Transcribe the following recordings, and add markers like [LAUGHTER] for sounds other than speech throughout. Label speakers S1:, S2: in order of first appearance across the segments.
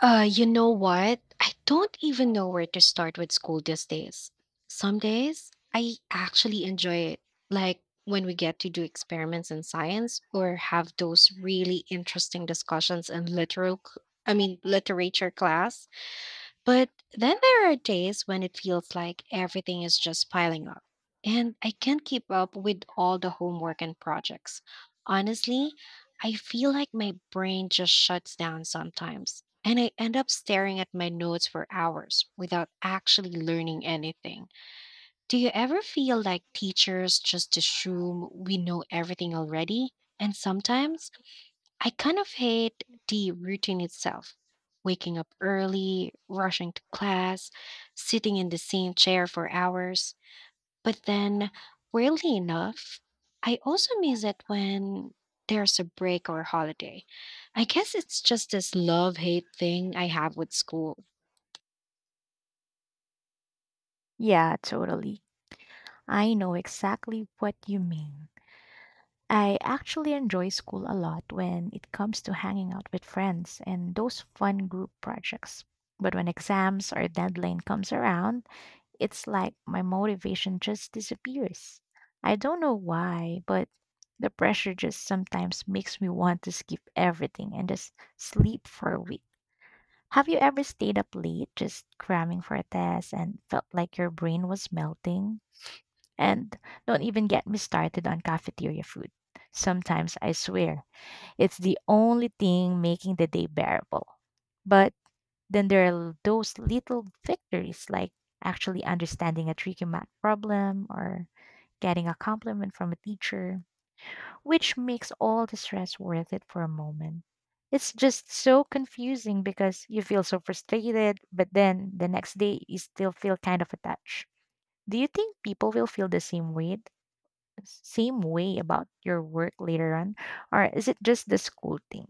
S1: You know what? I don't even know where to start with school these days. Some days I actually enjoy it, like when we get to do experiments in science or have those really interesting discussions in literal, c- I mean, literature class. But then there are days when it feels like everything is just piling up, and I can't keep up with all the homework and projects. Honestly, I feel like my brain just shuts down sometimes, and I end up staring at my notes for hours without actually learning anything. Do you ever feel like teachers just assume we know everything already? And sometimes I kind of hate the routine itself. Waking up early, rushing to class, sitting in the same chair for hours. But then, weirdly enough, I also miss it when there's a break or holiday. I guess it's just this love hate thing I have with school.
S2: Yeah, totally. I know exactly what you mean. I actually enjoy school a lot when it comes to hanging out with friends and those fun group projects. But when exams or deadline comes around, it's like my motivation just disappears. I don't know why, but the pressure just sometimes makes me want to skip everything and just sleep for a week. Have you ever stayed up late just cramming for a test and felt like your brain was melting? And don't even get me started on cafeteria food. Sometimes I swear it's the only thing making the day bearable. But then there are those little victories like actually understanding a tricky math problem or getting a compliment from a teacher, which makes all the stress worth it for a moment. It's just so confusing because you feel so frustrated, but then the next day you still feel kind of attached. Do you think people will feel the same way same way about your work later on? Or is it just the school thing?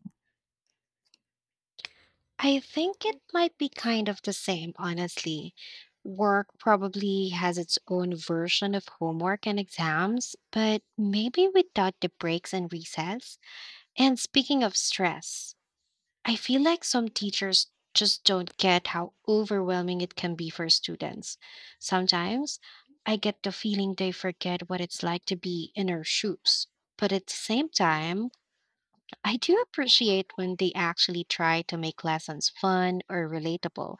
S1: I think it might be kind of the same, honestly. Work probably has its own version of homework and exams, but maybe without the breaks and recess. And speaking of stress, I feel like some teachers just don't get how overwhelming it can be for students. Sometimes I get the feeling they forget what it's like to be in our shoes. But at the same time, I do appreciate when they actually try to make lessons fun or relatable.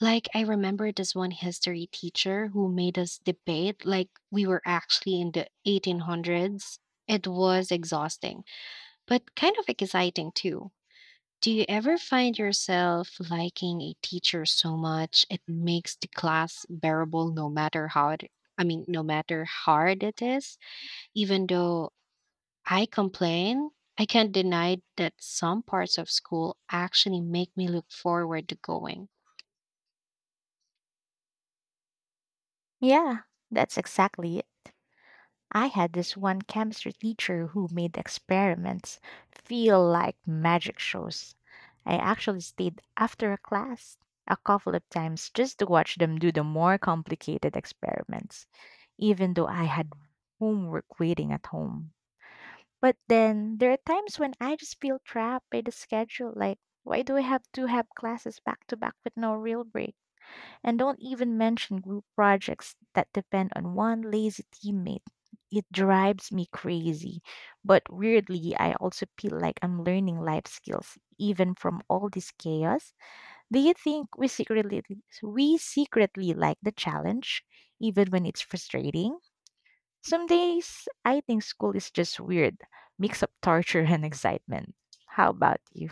S1: Like, I remember this one history teacher who made us debate like we were actually in the 1800s. It was exhausting, but kind of exciting too. Do you ever find yourself liking a teacher so much it makes the class bearable no matter how it, I mean, no matter hard it is, even though I complain. I can't deny that some parts of school actually make me look forward to going.
S2: Yeah, that's exactly it. I had this one chemistry teacher who made experiments feel like magic shows. I actually stayed after a class a couple of times just to watch them do the more complicated experiments, even though I had homework waiting at home. But then there are times when I just feel trapped by the schedule. Like, why do I have to have classes back to back with no real break? And don't even mention group projects that depend on one lazy teammate. It drives me crazy. But weirdly, I also feel like I'm learning life skills even from all this chaos. Do you think we secretly like the challenge even when it's frustrating? Some days I think school is just weird, mix of torture and excitement. How about you?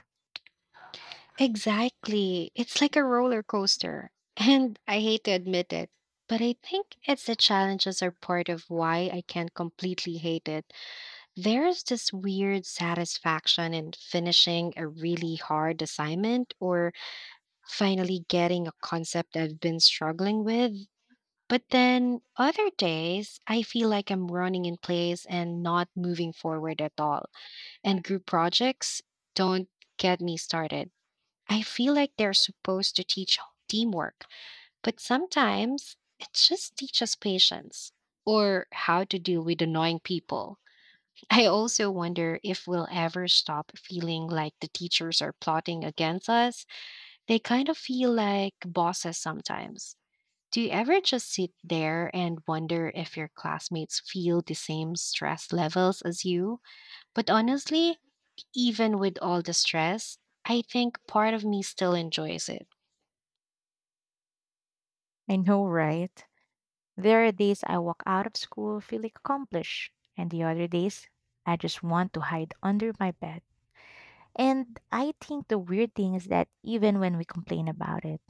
S1: Exactly. It's like a roller coaster. [LAUGHS] And I hate to admit it, but I think it's the challenges are part of why I can't completely hate it. There's this weird satisfaction in finishing a really hard assignment or finally getting a concept I've been struggling with. But then other days, I feel like I'm running in place and not moving forward at all. And group projects don't get me started. I feel like they're supposed to teach teamwork, but sometimes it just teaches patience or how to deal with annoying people. [LAUGHS] I also wonder if we'll ever stop feeling like the teachers are plotting against us. They kind of feel like bosses sometimes. Do you ever just sit there and wonder if your classmates feel the same stress levels as you? But honestly, even with all the stress, I think part of me still enjoys it.
S2: I know, right? There are days I walk out of school feeling accomplished, and the other days I just want to hide under my bed. And I think the weird thing is that even when we complain about it,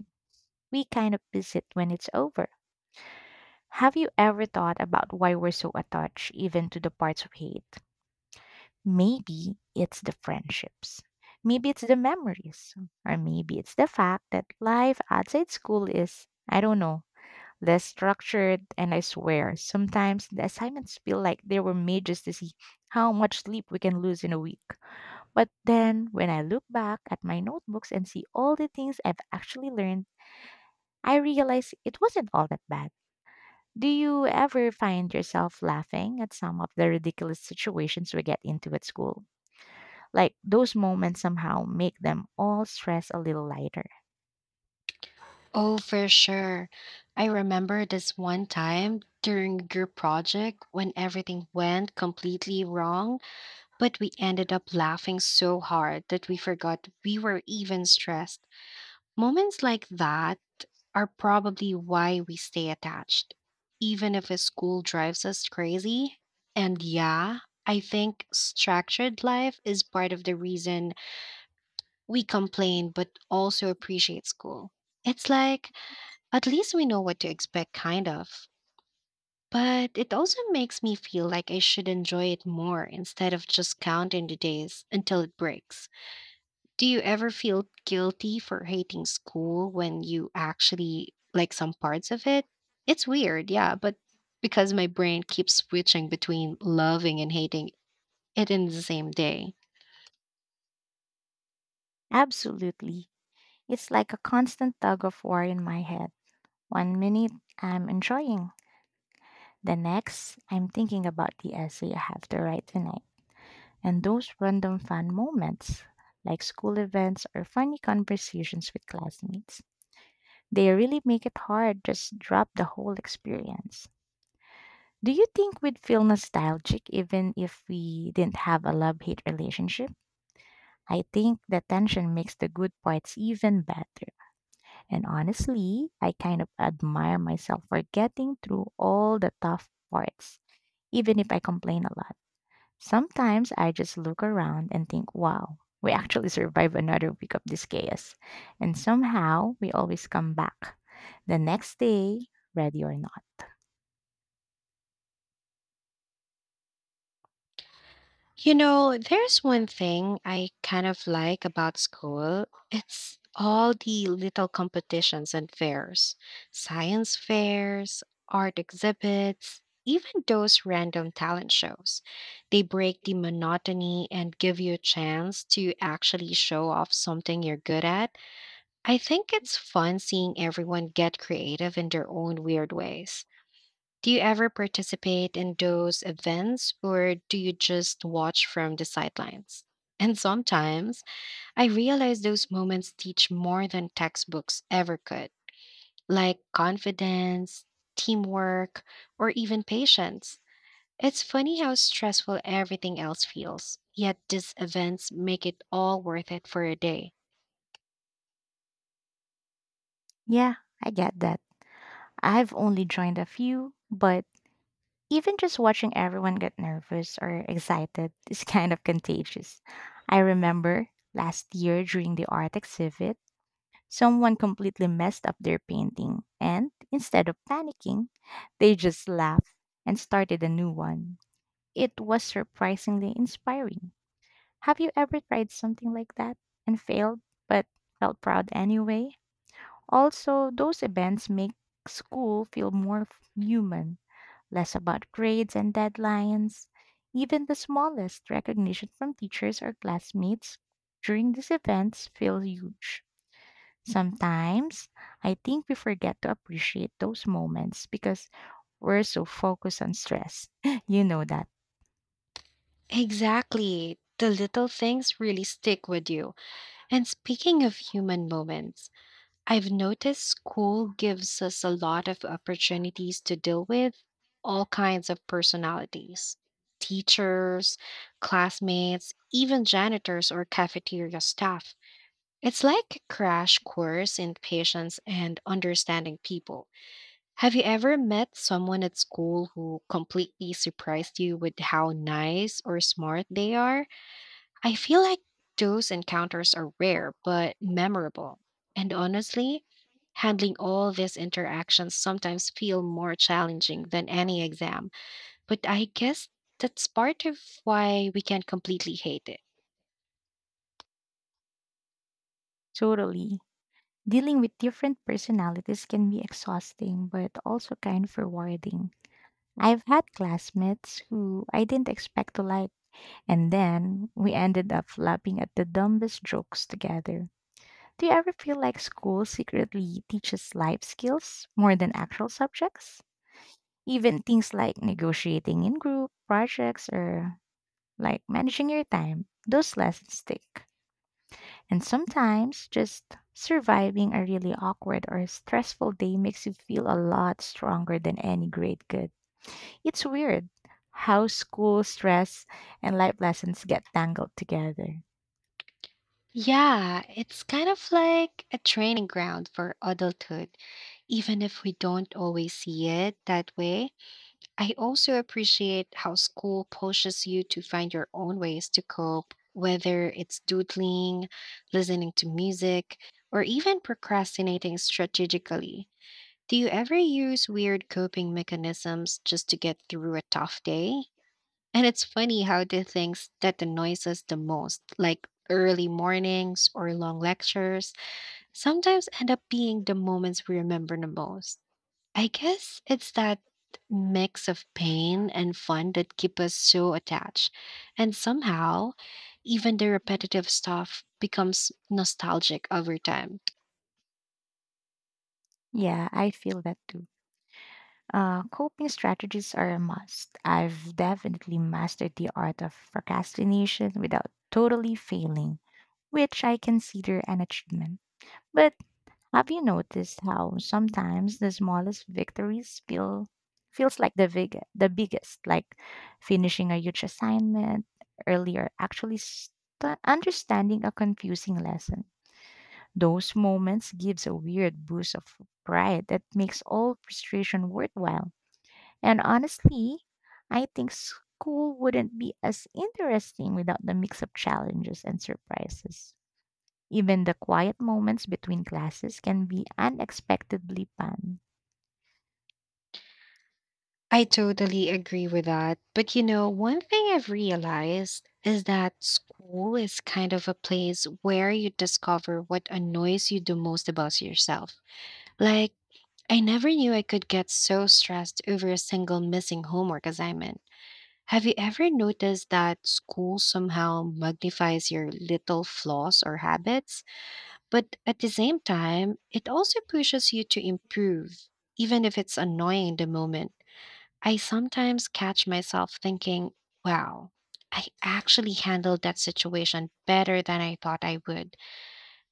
S2: we kind of miss it when it's over. Have you ever thought about why we're so attached even to the parts we hate? Maybe it's the friendships. Maybe it's the memories. Or maybe it's the fact that life outside school is, I don't know, less structured. And I swear, sometimes the assignments feel like they were made just to see how much sleep we can lose in a week. But then when I look back at my notebooks and see all the things I've actually learned, I realize it wasn't all that bad. Do you ever find yourself laughing at some of the ridiculous situations we get into at school? Like those moments somehow make them all stress a little lighter.
S1: Oh, for sure. I remember this one time during a group project when everything went completely wrong, but we ended up laughing so hard that we forgot we were even stressed. Moments like that are probably why we stay attached, even if a school drives us crazy. And yeah, I think structured life is part of the reason we complain but also appreciate school. It's like, at least we know what to expect, kind of. But it also makes me feel like I should enjoy it more instead of just counting the days until it breaks. Do you ever feel guilty for hating school when you actually like some parts of it? It's weird, yeah, but because my brain keeps switching between loving and hating it in the same day.
S2: Absolutely. It's like a constant tug of war in my head. One minute I'm enjoying, the next I'm thinking about the essay I have to write tonight. And those random fun moments, like school events or funny conversations with classmates, they really make it hard to just drop the whole experience. Do you think we'd feel nostalgic even if we didn't have a love hate relationship? I think the tension makes the good parts even better. And honestly, I kind of admire myself for getting through all the tough parts, even if I complain a lot. Sometimes I just look around and think, wow, we actually survived another week of this chaos. And somehow we always come back the next day, ready or not.
S1: You know, there's one thing I kind of like about school. It's all the little competitions and fairs, science fairs, art exhibits, even those random talent shows. They break the monotony and give you a chance to actually show off something you're good at. I think it's fun seeing everyone get creative in their own weird ways. Do you ever participate in those events or do you just watch from the sidelines? And sometimes I realize those moments teach more than textbooks ever could, like confidence, teamwork, or even patience. It's funny how stressful everything else feels, yet these events make it all worth it for a day.
S2: Yeah, I get that. I've only joined a few, but even just watching everyone get nervous or excited [LAUGHS] is kind of contagious. I remember last year during the art exhibit, someone completely messed up their painting, and instead of panicking, they just laughed and started a new one. It was surprisingly inspiring. Have you ever tried something like that and failed, but felt proud anyway? Also, those events make school feel more human, less about grades and deadlines. Even the smallest recognition from teachers or classmates during these events feels huge. Sometimes I think we forget to appreciate those moments because we're so focused on stress. [LAUGHS] You know that.
S1: Exactly. The little things really stick with you. And speaking of human moments, I've noticed school gives us a lot of opportunities to deal with all kinds of personalities teachers, classmates, even janitors or cafeteria staff. It's like a crash course in patience and understanding people. Have you ever met someone at school who completely surprised you with how nice or smart they are? I feel like those encounters are rare but memorable. And honestly, handling all these interactions sometimes feel more challenging than any exam, but I guess that's part of why we can't completely hate it.
S2: Totally. Dealing with different personalities can be exhausting, but also kind of rewarding. I've had classmates who I didn't expect to like, and then we ended up laughing at the dumbest jokes together. Do you ever feel like school secretly teaches life skills more than actual subjects? Even things like negotiating in group projects or like managing your time, those lessons stick. And sometimes just surviving a really awkward or stressful day makes you feel a lot stronger than any grade could. It's weird how school stress and life lessons get tangled together.
S1: Yeah, it's kind of like a training ground for adulthood, even if we don't always see it that way. I also appreciate how school pushes you to find your own ways to cope, whether it's doodling, listening to music, or even procrastinating strategically. Do you ever use weird coping mechanisms just to get through a tough day? And it's funny how the things that annoy us the most, like early mornings or long lectures, sometimes end up being the moments we remember the most. I guess it's that mix of pain and fun that keep us so attached. And somehow, even the repetitive stuff becomes nostalgic over time.
S2: Yeah, I feel that too. Coping strategies are a must. I've definitely mastered the art of procrastination without totally failing, which I consider an achievement. But have you noticed how sometimes the smallest victories feel feels like the biggest, like finishing a huge assignment earlier, actually understanding a confusing lesson. Those moments gives a weird boost of pride that makes all frustration worthwhile. And honestly, I think school wouldn't be as interesting without the mix of challenges and surprises. Even the quiet moments between classes can be unexpectedly fun.
S1: I totally agree with that. But you know, one thing I've realized is that school is kind of a place where you discover what annoys you the most about yourself. Like, I never knew I could get so stressed over a single missing homework assignment. Have you ever noticed that school somehow magnifies your little flaws or habits, but at the same time, it also pushes you to improve, even if it's annoying in the moment? I sometimes catch myself thinking, wow, I actually handled that situation better than I thought I would.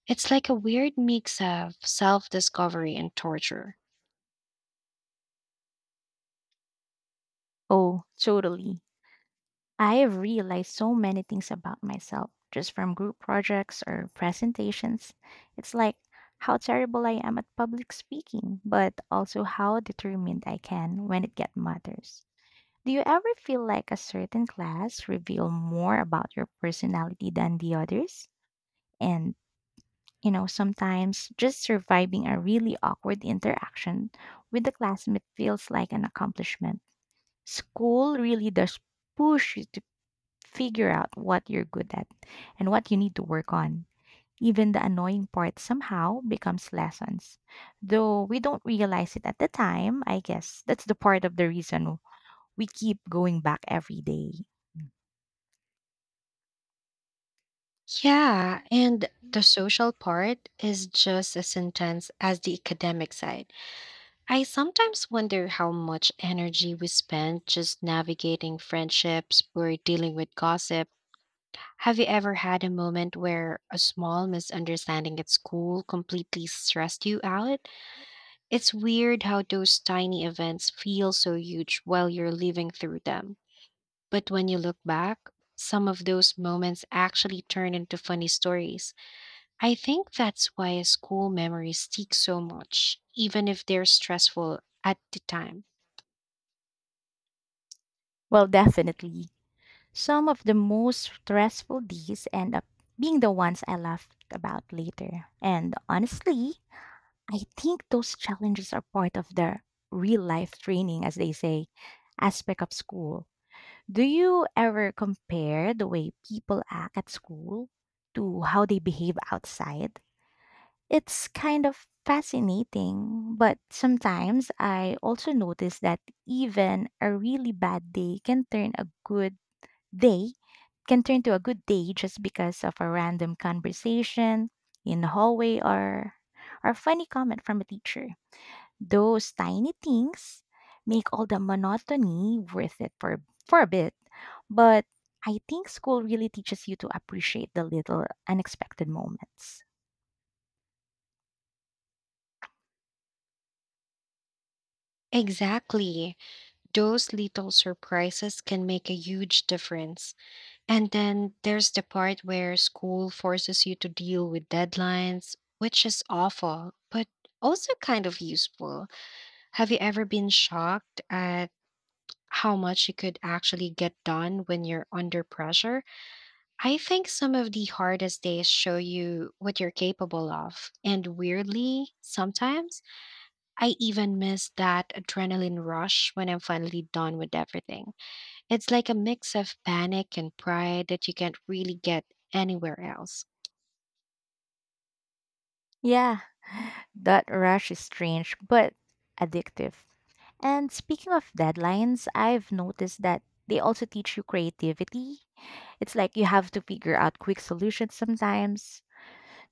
S1: It's like a weird mix of self discovery and torture.
S2: Oh, totally. I have realized so many things about myself just from group projects or presentations. It's like how terrible I am at public speaking, but also how determined I can when it get matters. Do you ever feel like a certain class reveal more about your personality than the others? And you know, sometimes just surviving a really awkward interaction with a classmate feels like an accomplishment. School really does push you to figure out what you're good at and what you need to work on. Even the annoying part somehow becomes lessons. Though we don't realize it at the time, I guess that's the part of the reason we keep going back every day.
S1: Yeah, and the social part is just as intense as the academic side. I sometimes wonder how much energy we spend just navigating friendships or dealing with gossip. Have you ever had a moment where a small misunderstanding at school completely stressed you out? It's weird how those tiny events feel so huge while you're living through them. But when you look back, some of those moments actually turn into funny stories. I think that's why school memories stick so much, even if they're stressful at the time.
S2: Well, definitely. Some of the most stressful days end up being the ones I laughed about later. And honestly, I think those challenges are part of the real life training, as they say, aspect of school. Do you ever compare the way people act at school to how they behave outside? It's kind of fascinating, but sometimes I also notice that even a really bad day day can turn to a good day just because of a random conversation in the hallway or a funny comment from a teacher. Those tiny things make all the monotony worth it for a bit. But I think school really teaches you to appreciate the little unexpected moments.
S1: Exactly. Those little surprises can make a huge difference. And then there's the part where school forces you to deal with deadlines, which is awful, but also kind of useful. Have you ever been shocked at how much you could actually get done when you're under pressure? I think some of the hardest days show you what you're capable of. And weirdly, sometimes, I even miss that adrenaline rush when I'm finally done with everything. It's like a mix of panic and pride that you can't really get anywhere else.
S2: Yeah, that rush is strange, but addictive. And speaking of deadlines, I've noticed that they also teach you creativity. It's like you have to figure out quick solutions sometimes.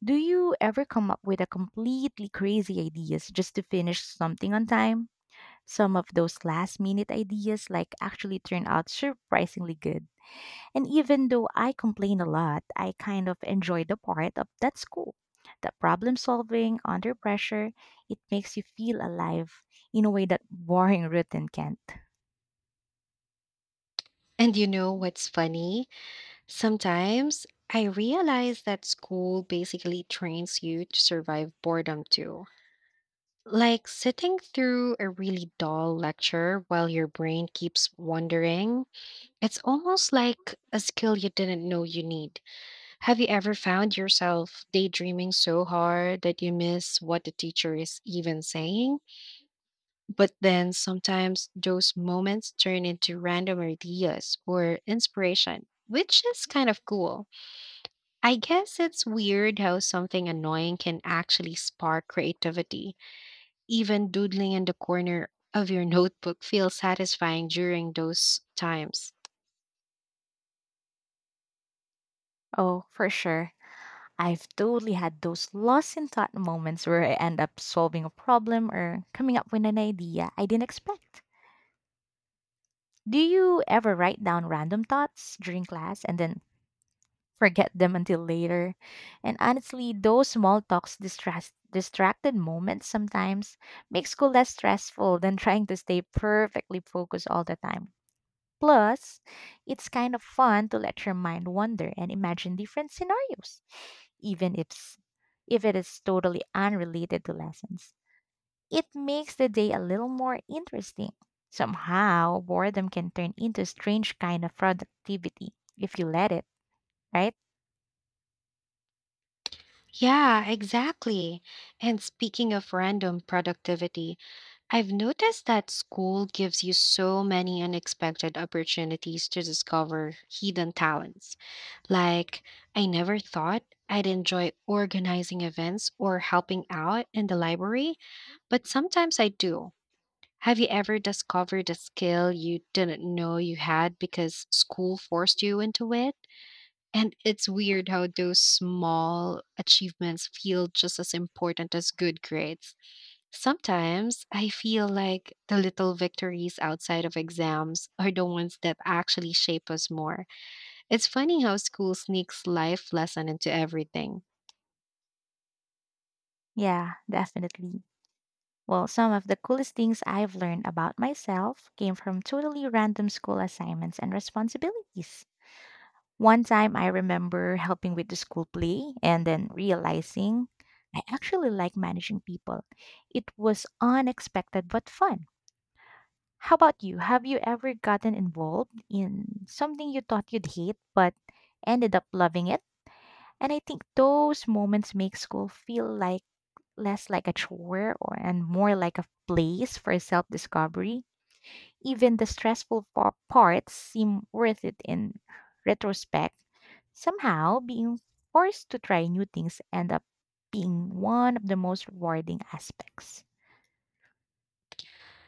S2: Do you ever come up with a completely crazy ideas just to finish something on time? Some of those last minute ideas like actually turn out surprisingly good. And even though I complain a lot, I kind of enjoy the part of that's cool. The problem solving under pressure, it makes you feel alive in a way that boring routine can't.
S1: And you know what's funny? Sometimes I realize that school basically trains you to survive boredom too. Like sitting through a really dull lecture while your brain keeps wandering, it's almost like a skill you didn't know you need. Have you ever found yourself daydreaming so hard that you miss what the teacher is even saying? But then sometimes those moments turn into random ideas or inspiration, which is kind of cool. I guess it's weird how something annoying can actually spark creativity. Even doodling in the corner of your [LAUGHS] notebook feels satisfying during those times.
S2: Oh, for sure. I've totally had those lost in thought moments where I end up solving a problem or coming up with an idea I didn't expect. Do you ever write down random thoughts during class and then forget them until later? And honestly, those small talks distress distracted moments sometimes make school less stressful than [LAUGHS] trying to stay perfectly focused all the time. Plus, it's kind of fun to let your mind wander and imagine different scenarios, even if it is totally unrelated to lessons. It makes the day a little more interesting. Somehow, boredom can turn into a strange kind of productivity if you let it, right?
S1: Yeah, exactly. And speaking of random productivity, I've noticed that school gives you so many unexpected opportunities to discover hidden talents. Like, I never thought I'd enjoy organizing events or helping out in the library, but sometimes I do. Have you ever discovered a skill you didn't know you had because school forced you into it? And it's weird how those small achievements feel just as important as good grades. Sometimes I feel like the little victories outside of exams are the ones that actually shape us more. It's funny how school sneaks life lesson into everything.
S2: Yeah, definitely. Well, some of the coolest things I've learned about myself came from totally random school assignments and responsibilities. One time I remember helping with the school play and then realizing I actually like managing people. It was unexpected but fun. How about you? Have you ever gotten involved in something you thought you'd hate but ended up loving it? And I think those moments make school feel like less like a chore or and more like a place for self-discovery. Even the stressful parts seem worth it in retrospect. Somehow, being forced to try new things end up being one of the most rewarding aspects.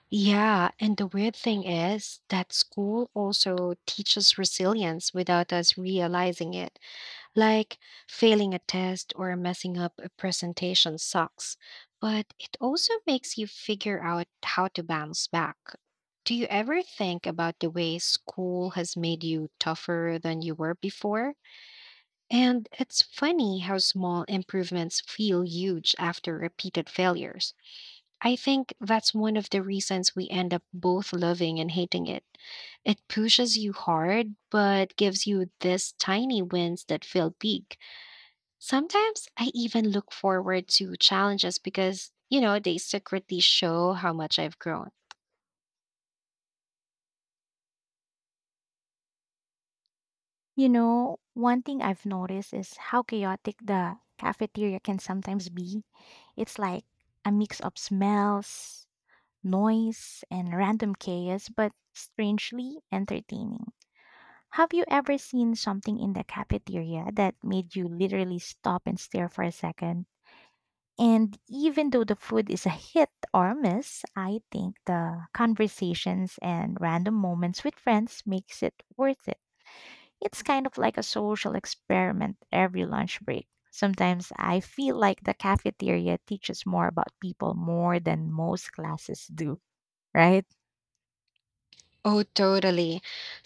S1: Yeah, and the weird thing is that school also teaches resilience without us realizing it. Like failing a test or messing up a presentation sucks, but it also makes you figure out how to bounce back. Do you ever think about the way school has made you tougher than you were before? And it's funny how small improvements feel huge after repeated failures. I think that's one of the reasons we end up both loving and hating it. It pushes you hard, but gives you these tiny wins that feel big. Sometimes I even look forward to challenges because, you know, they secretly show how much I've grown.
S2: You know, one thing I've noticed is how chaotic the cafeteria can sometimes be. It's like a mix of smells, noise, and random chaos, but strangely entertaining. Have you ever seen something in the cafeteria that made you literally stop and stare for a second? And even though the food is a hit or miss, I think the conversations and random moments with friends makes it worth it. It's kind of like a social experiment every lunch break. Sometimes I feel like the cafeteria teaches more about people more than most classes do, right?
S1: Oh, totally.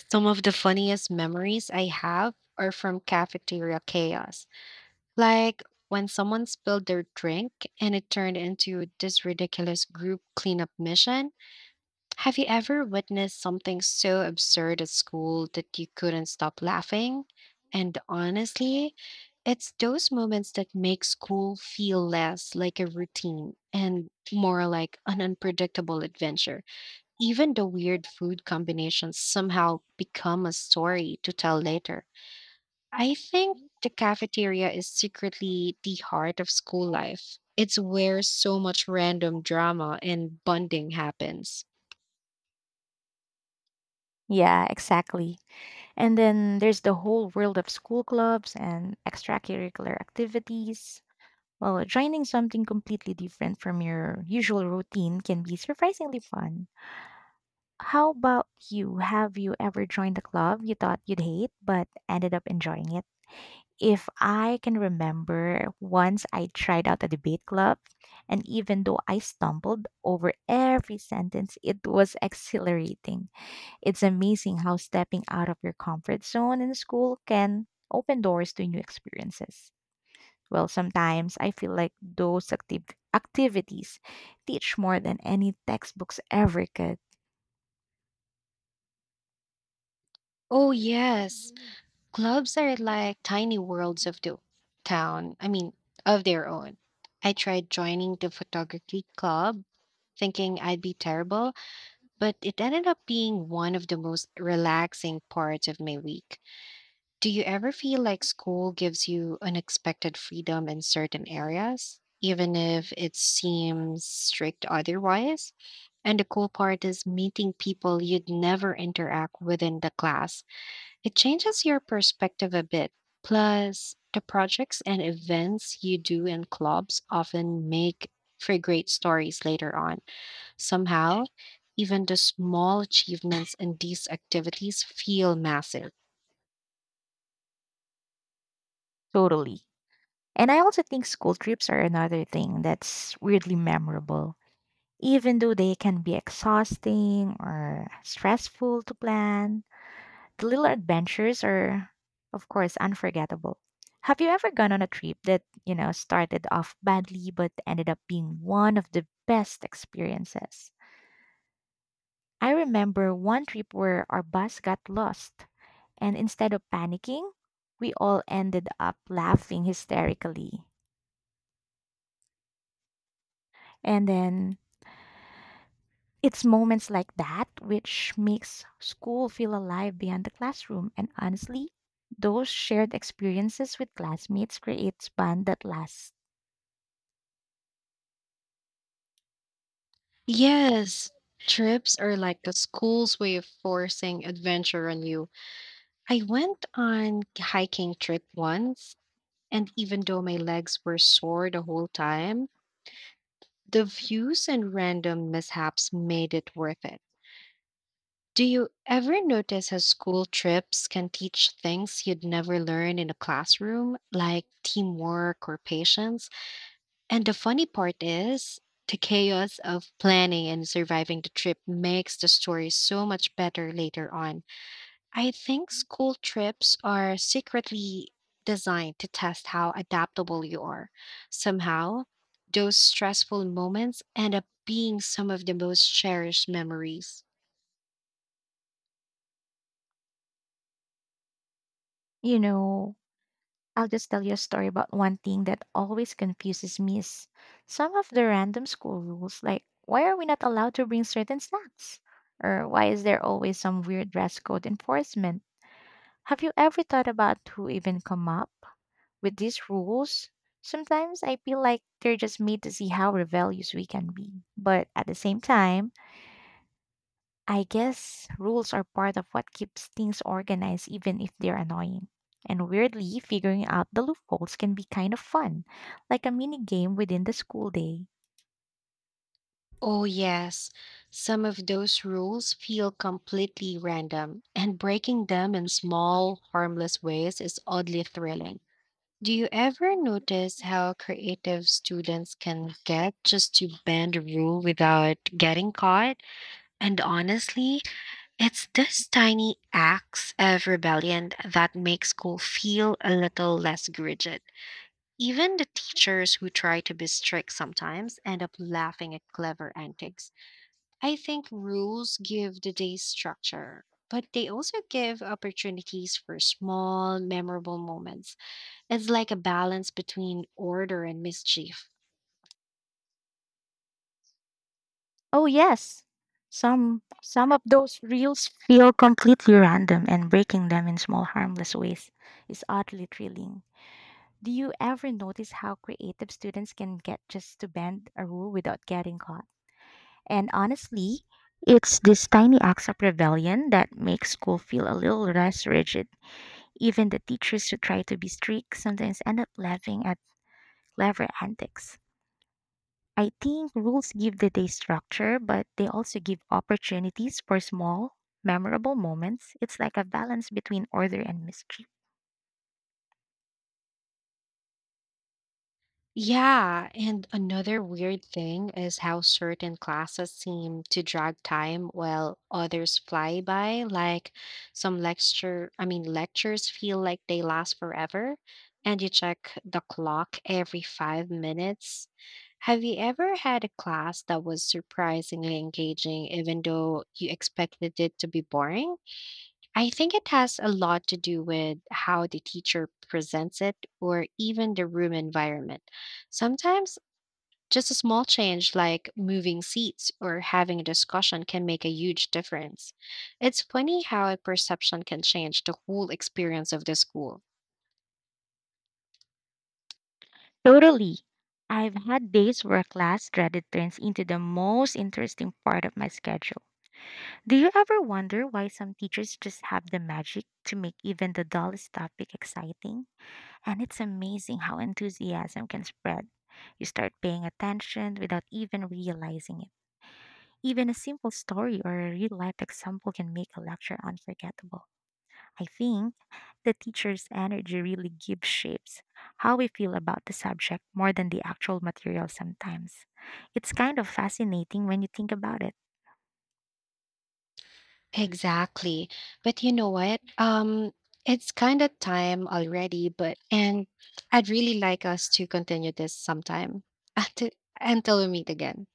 S1: Some of the funniest memories I have are from cafeteria chaos. Like when someone spilled their drink and it turned into this ridiculous group cleanup mission. Have you ever witnessed something so absurd at school that you couldn't stop laughing? And honestly, it's those moments that make school feel less like a routine and more like an unpredictable adventure. Even the weird food combinations somehow become a story to tell later. I think the cafeteria is secretly the heart of school life. It's where so much random drama and bonding happens.
S2: Yeah, exactly. And then there's the whole world of school clubs and extracurricular activities. Well, joining something completely different from your usual routine can be surprisingly fun. How about you? Have you ever joined a club you thought you'd hate but ended up enjoying it? If I can remember, once I tried out a debate club, and even though I stumbled over every sentence, it was [LAUGHS] exhilarating. It's amazing how stepping out of your comfort zone in school can open doors to new experiences. Well, sometimes I feel like those active activities teach more than any textbooks ever could.
S1: Oh, yes. Clubs are like tiny worlds of the town. I mean, of their own. I tried joining the photography club thinking I'd be terrible, but it ended up being one of the most relaxing parts of my week. Do you ever feel like school gives you unexpected freedom in certain areas, even if it seems strict otherwise? And the cool part is meeting people you'd never interact with in the class it changes your perspective a bit. Plus, the projects and events you do in clubs often make for great stories later on. Somehow, even the small achievements in these activities feel massive.
S2: Totally. And I also think school trips are another thing that's weirdly memorable. Even though they can be exhausting or stressful to plan, the little adventures are, of course, unforgettable. Have you ever gone on a trip that, started off badly but ended up being one of the best experiences? I remember one trip where our bus got lost, and instead of panicking, we all ended up laughing hysterically. And then it's moments like that which makes school feel alive beyond the classroom. And honestly, those shared experiences with classmates creates bond that lasts.
S1: Yes, trips are like the school's way of forcing adventure on you. I went on hiking trip once, and even though my legs were sore the whole time, the views and random mishaps made it worth it. Do you ever notice how school trips can teach things you'd never learn in a classroom, like teamwork or patience? And the funny part is, the chaos of planning and surviving the trip makes the story so much better later on. I think school trips are secretly designed to test how adaptable you are. Somehow, those stressful moments end up being some of the most cherished memories.
S2: You know, I'll just tell you a story about one thing that always confuses me is some of the random school rules, like why are we not allowed to bring certain snacks? Or why is there always some weird dress code enforcement? Have you ever thought about who even come up with these rules? Sometimes I feel like they're just made to see how rebellious we can be. But at the same time, I guess rules are part of what keeps things organized, even if they're annoying. And weirdly, figuring out the loopholes can be kind of fun, like a mini game within the school day.
S1: Oh, yes. Some of those rules feel completely random, and breaking them in small, harmless ways is oddly thrilling. Do you ever notice how creative students can get just to bend a rule without getting caught? And honestly, it's these tiny acts of rebellion that make school feel a little less rigid. Even the teachers who try to be strict sometimes end up laughing at clever antics. I think rules give the day structure, but they also give opportunities for small, memorable moments. It's like a balance between order and mischief.
S2: Oh yes, some of those reels feel completely random, and breaking them in small harmless ways is oddly thrilling. Do you ever notice how creative students can get just to bend a rule without getting caught? And honestly, it's these tiny acts of rebellion that make school feel a little less rigid. Even the teachers who try to be strict sometimes end up laughing at clever antics. I think rules give the day structure, but they also give opportunities for small, memorable moments. It's like a balance between order and mystery.
S1: Yeah, and another weird thing is how certain classes seem to drag time while others fly by. Like some lectures feel like they last forever, and you check the clock every 5 minutes. Have you ever had a class that was surprisingly engaging, even though you expected it to be boring? I think it has a lot to do with how the teacher presents it or even the room environment. Sometimes just a small change like moving seats or having a discussion can make a huge difference. It's funny how a perception can change the whole experience of the school.
S2: Totally. I've had days where class dreaded turns into the most interesting part of my schedule. Do you ever wonder why some teachers just have the magic to make even the dullest topic exciting? And it's amazing how enthusiasm can spread. You start paying attention without even realizing it. Even a simple story or a real life example can make a lecture unforgettable. I think the teacher's energy really gives shapes how we feel about the subject more than the actual material sometimes. It's kind of fascinating when you think about it.
S1: Exactly. But you know what? It's kind of time already, but and I'd really like us to continue this sometime [LAUGHS] until, until we meet again.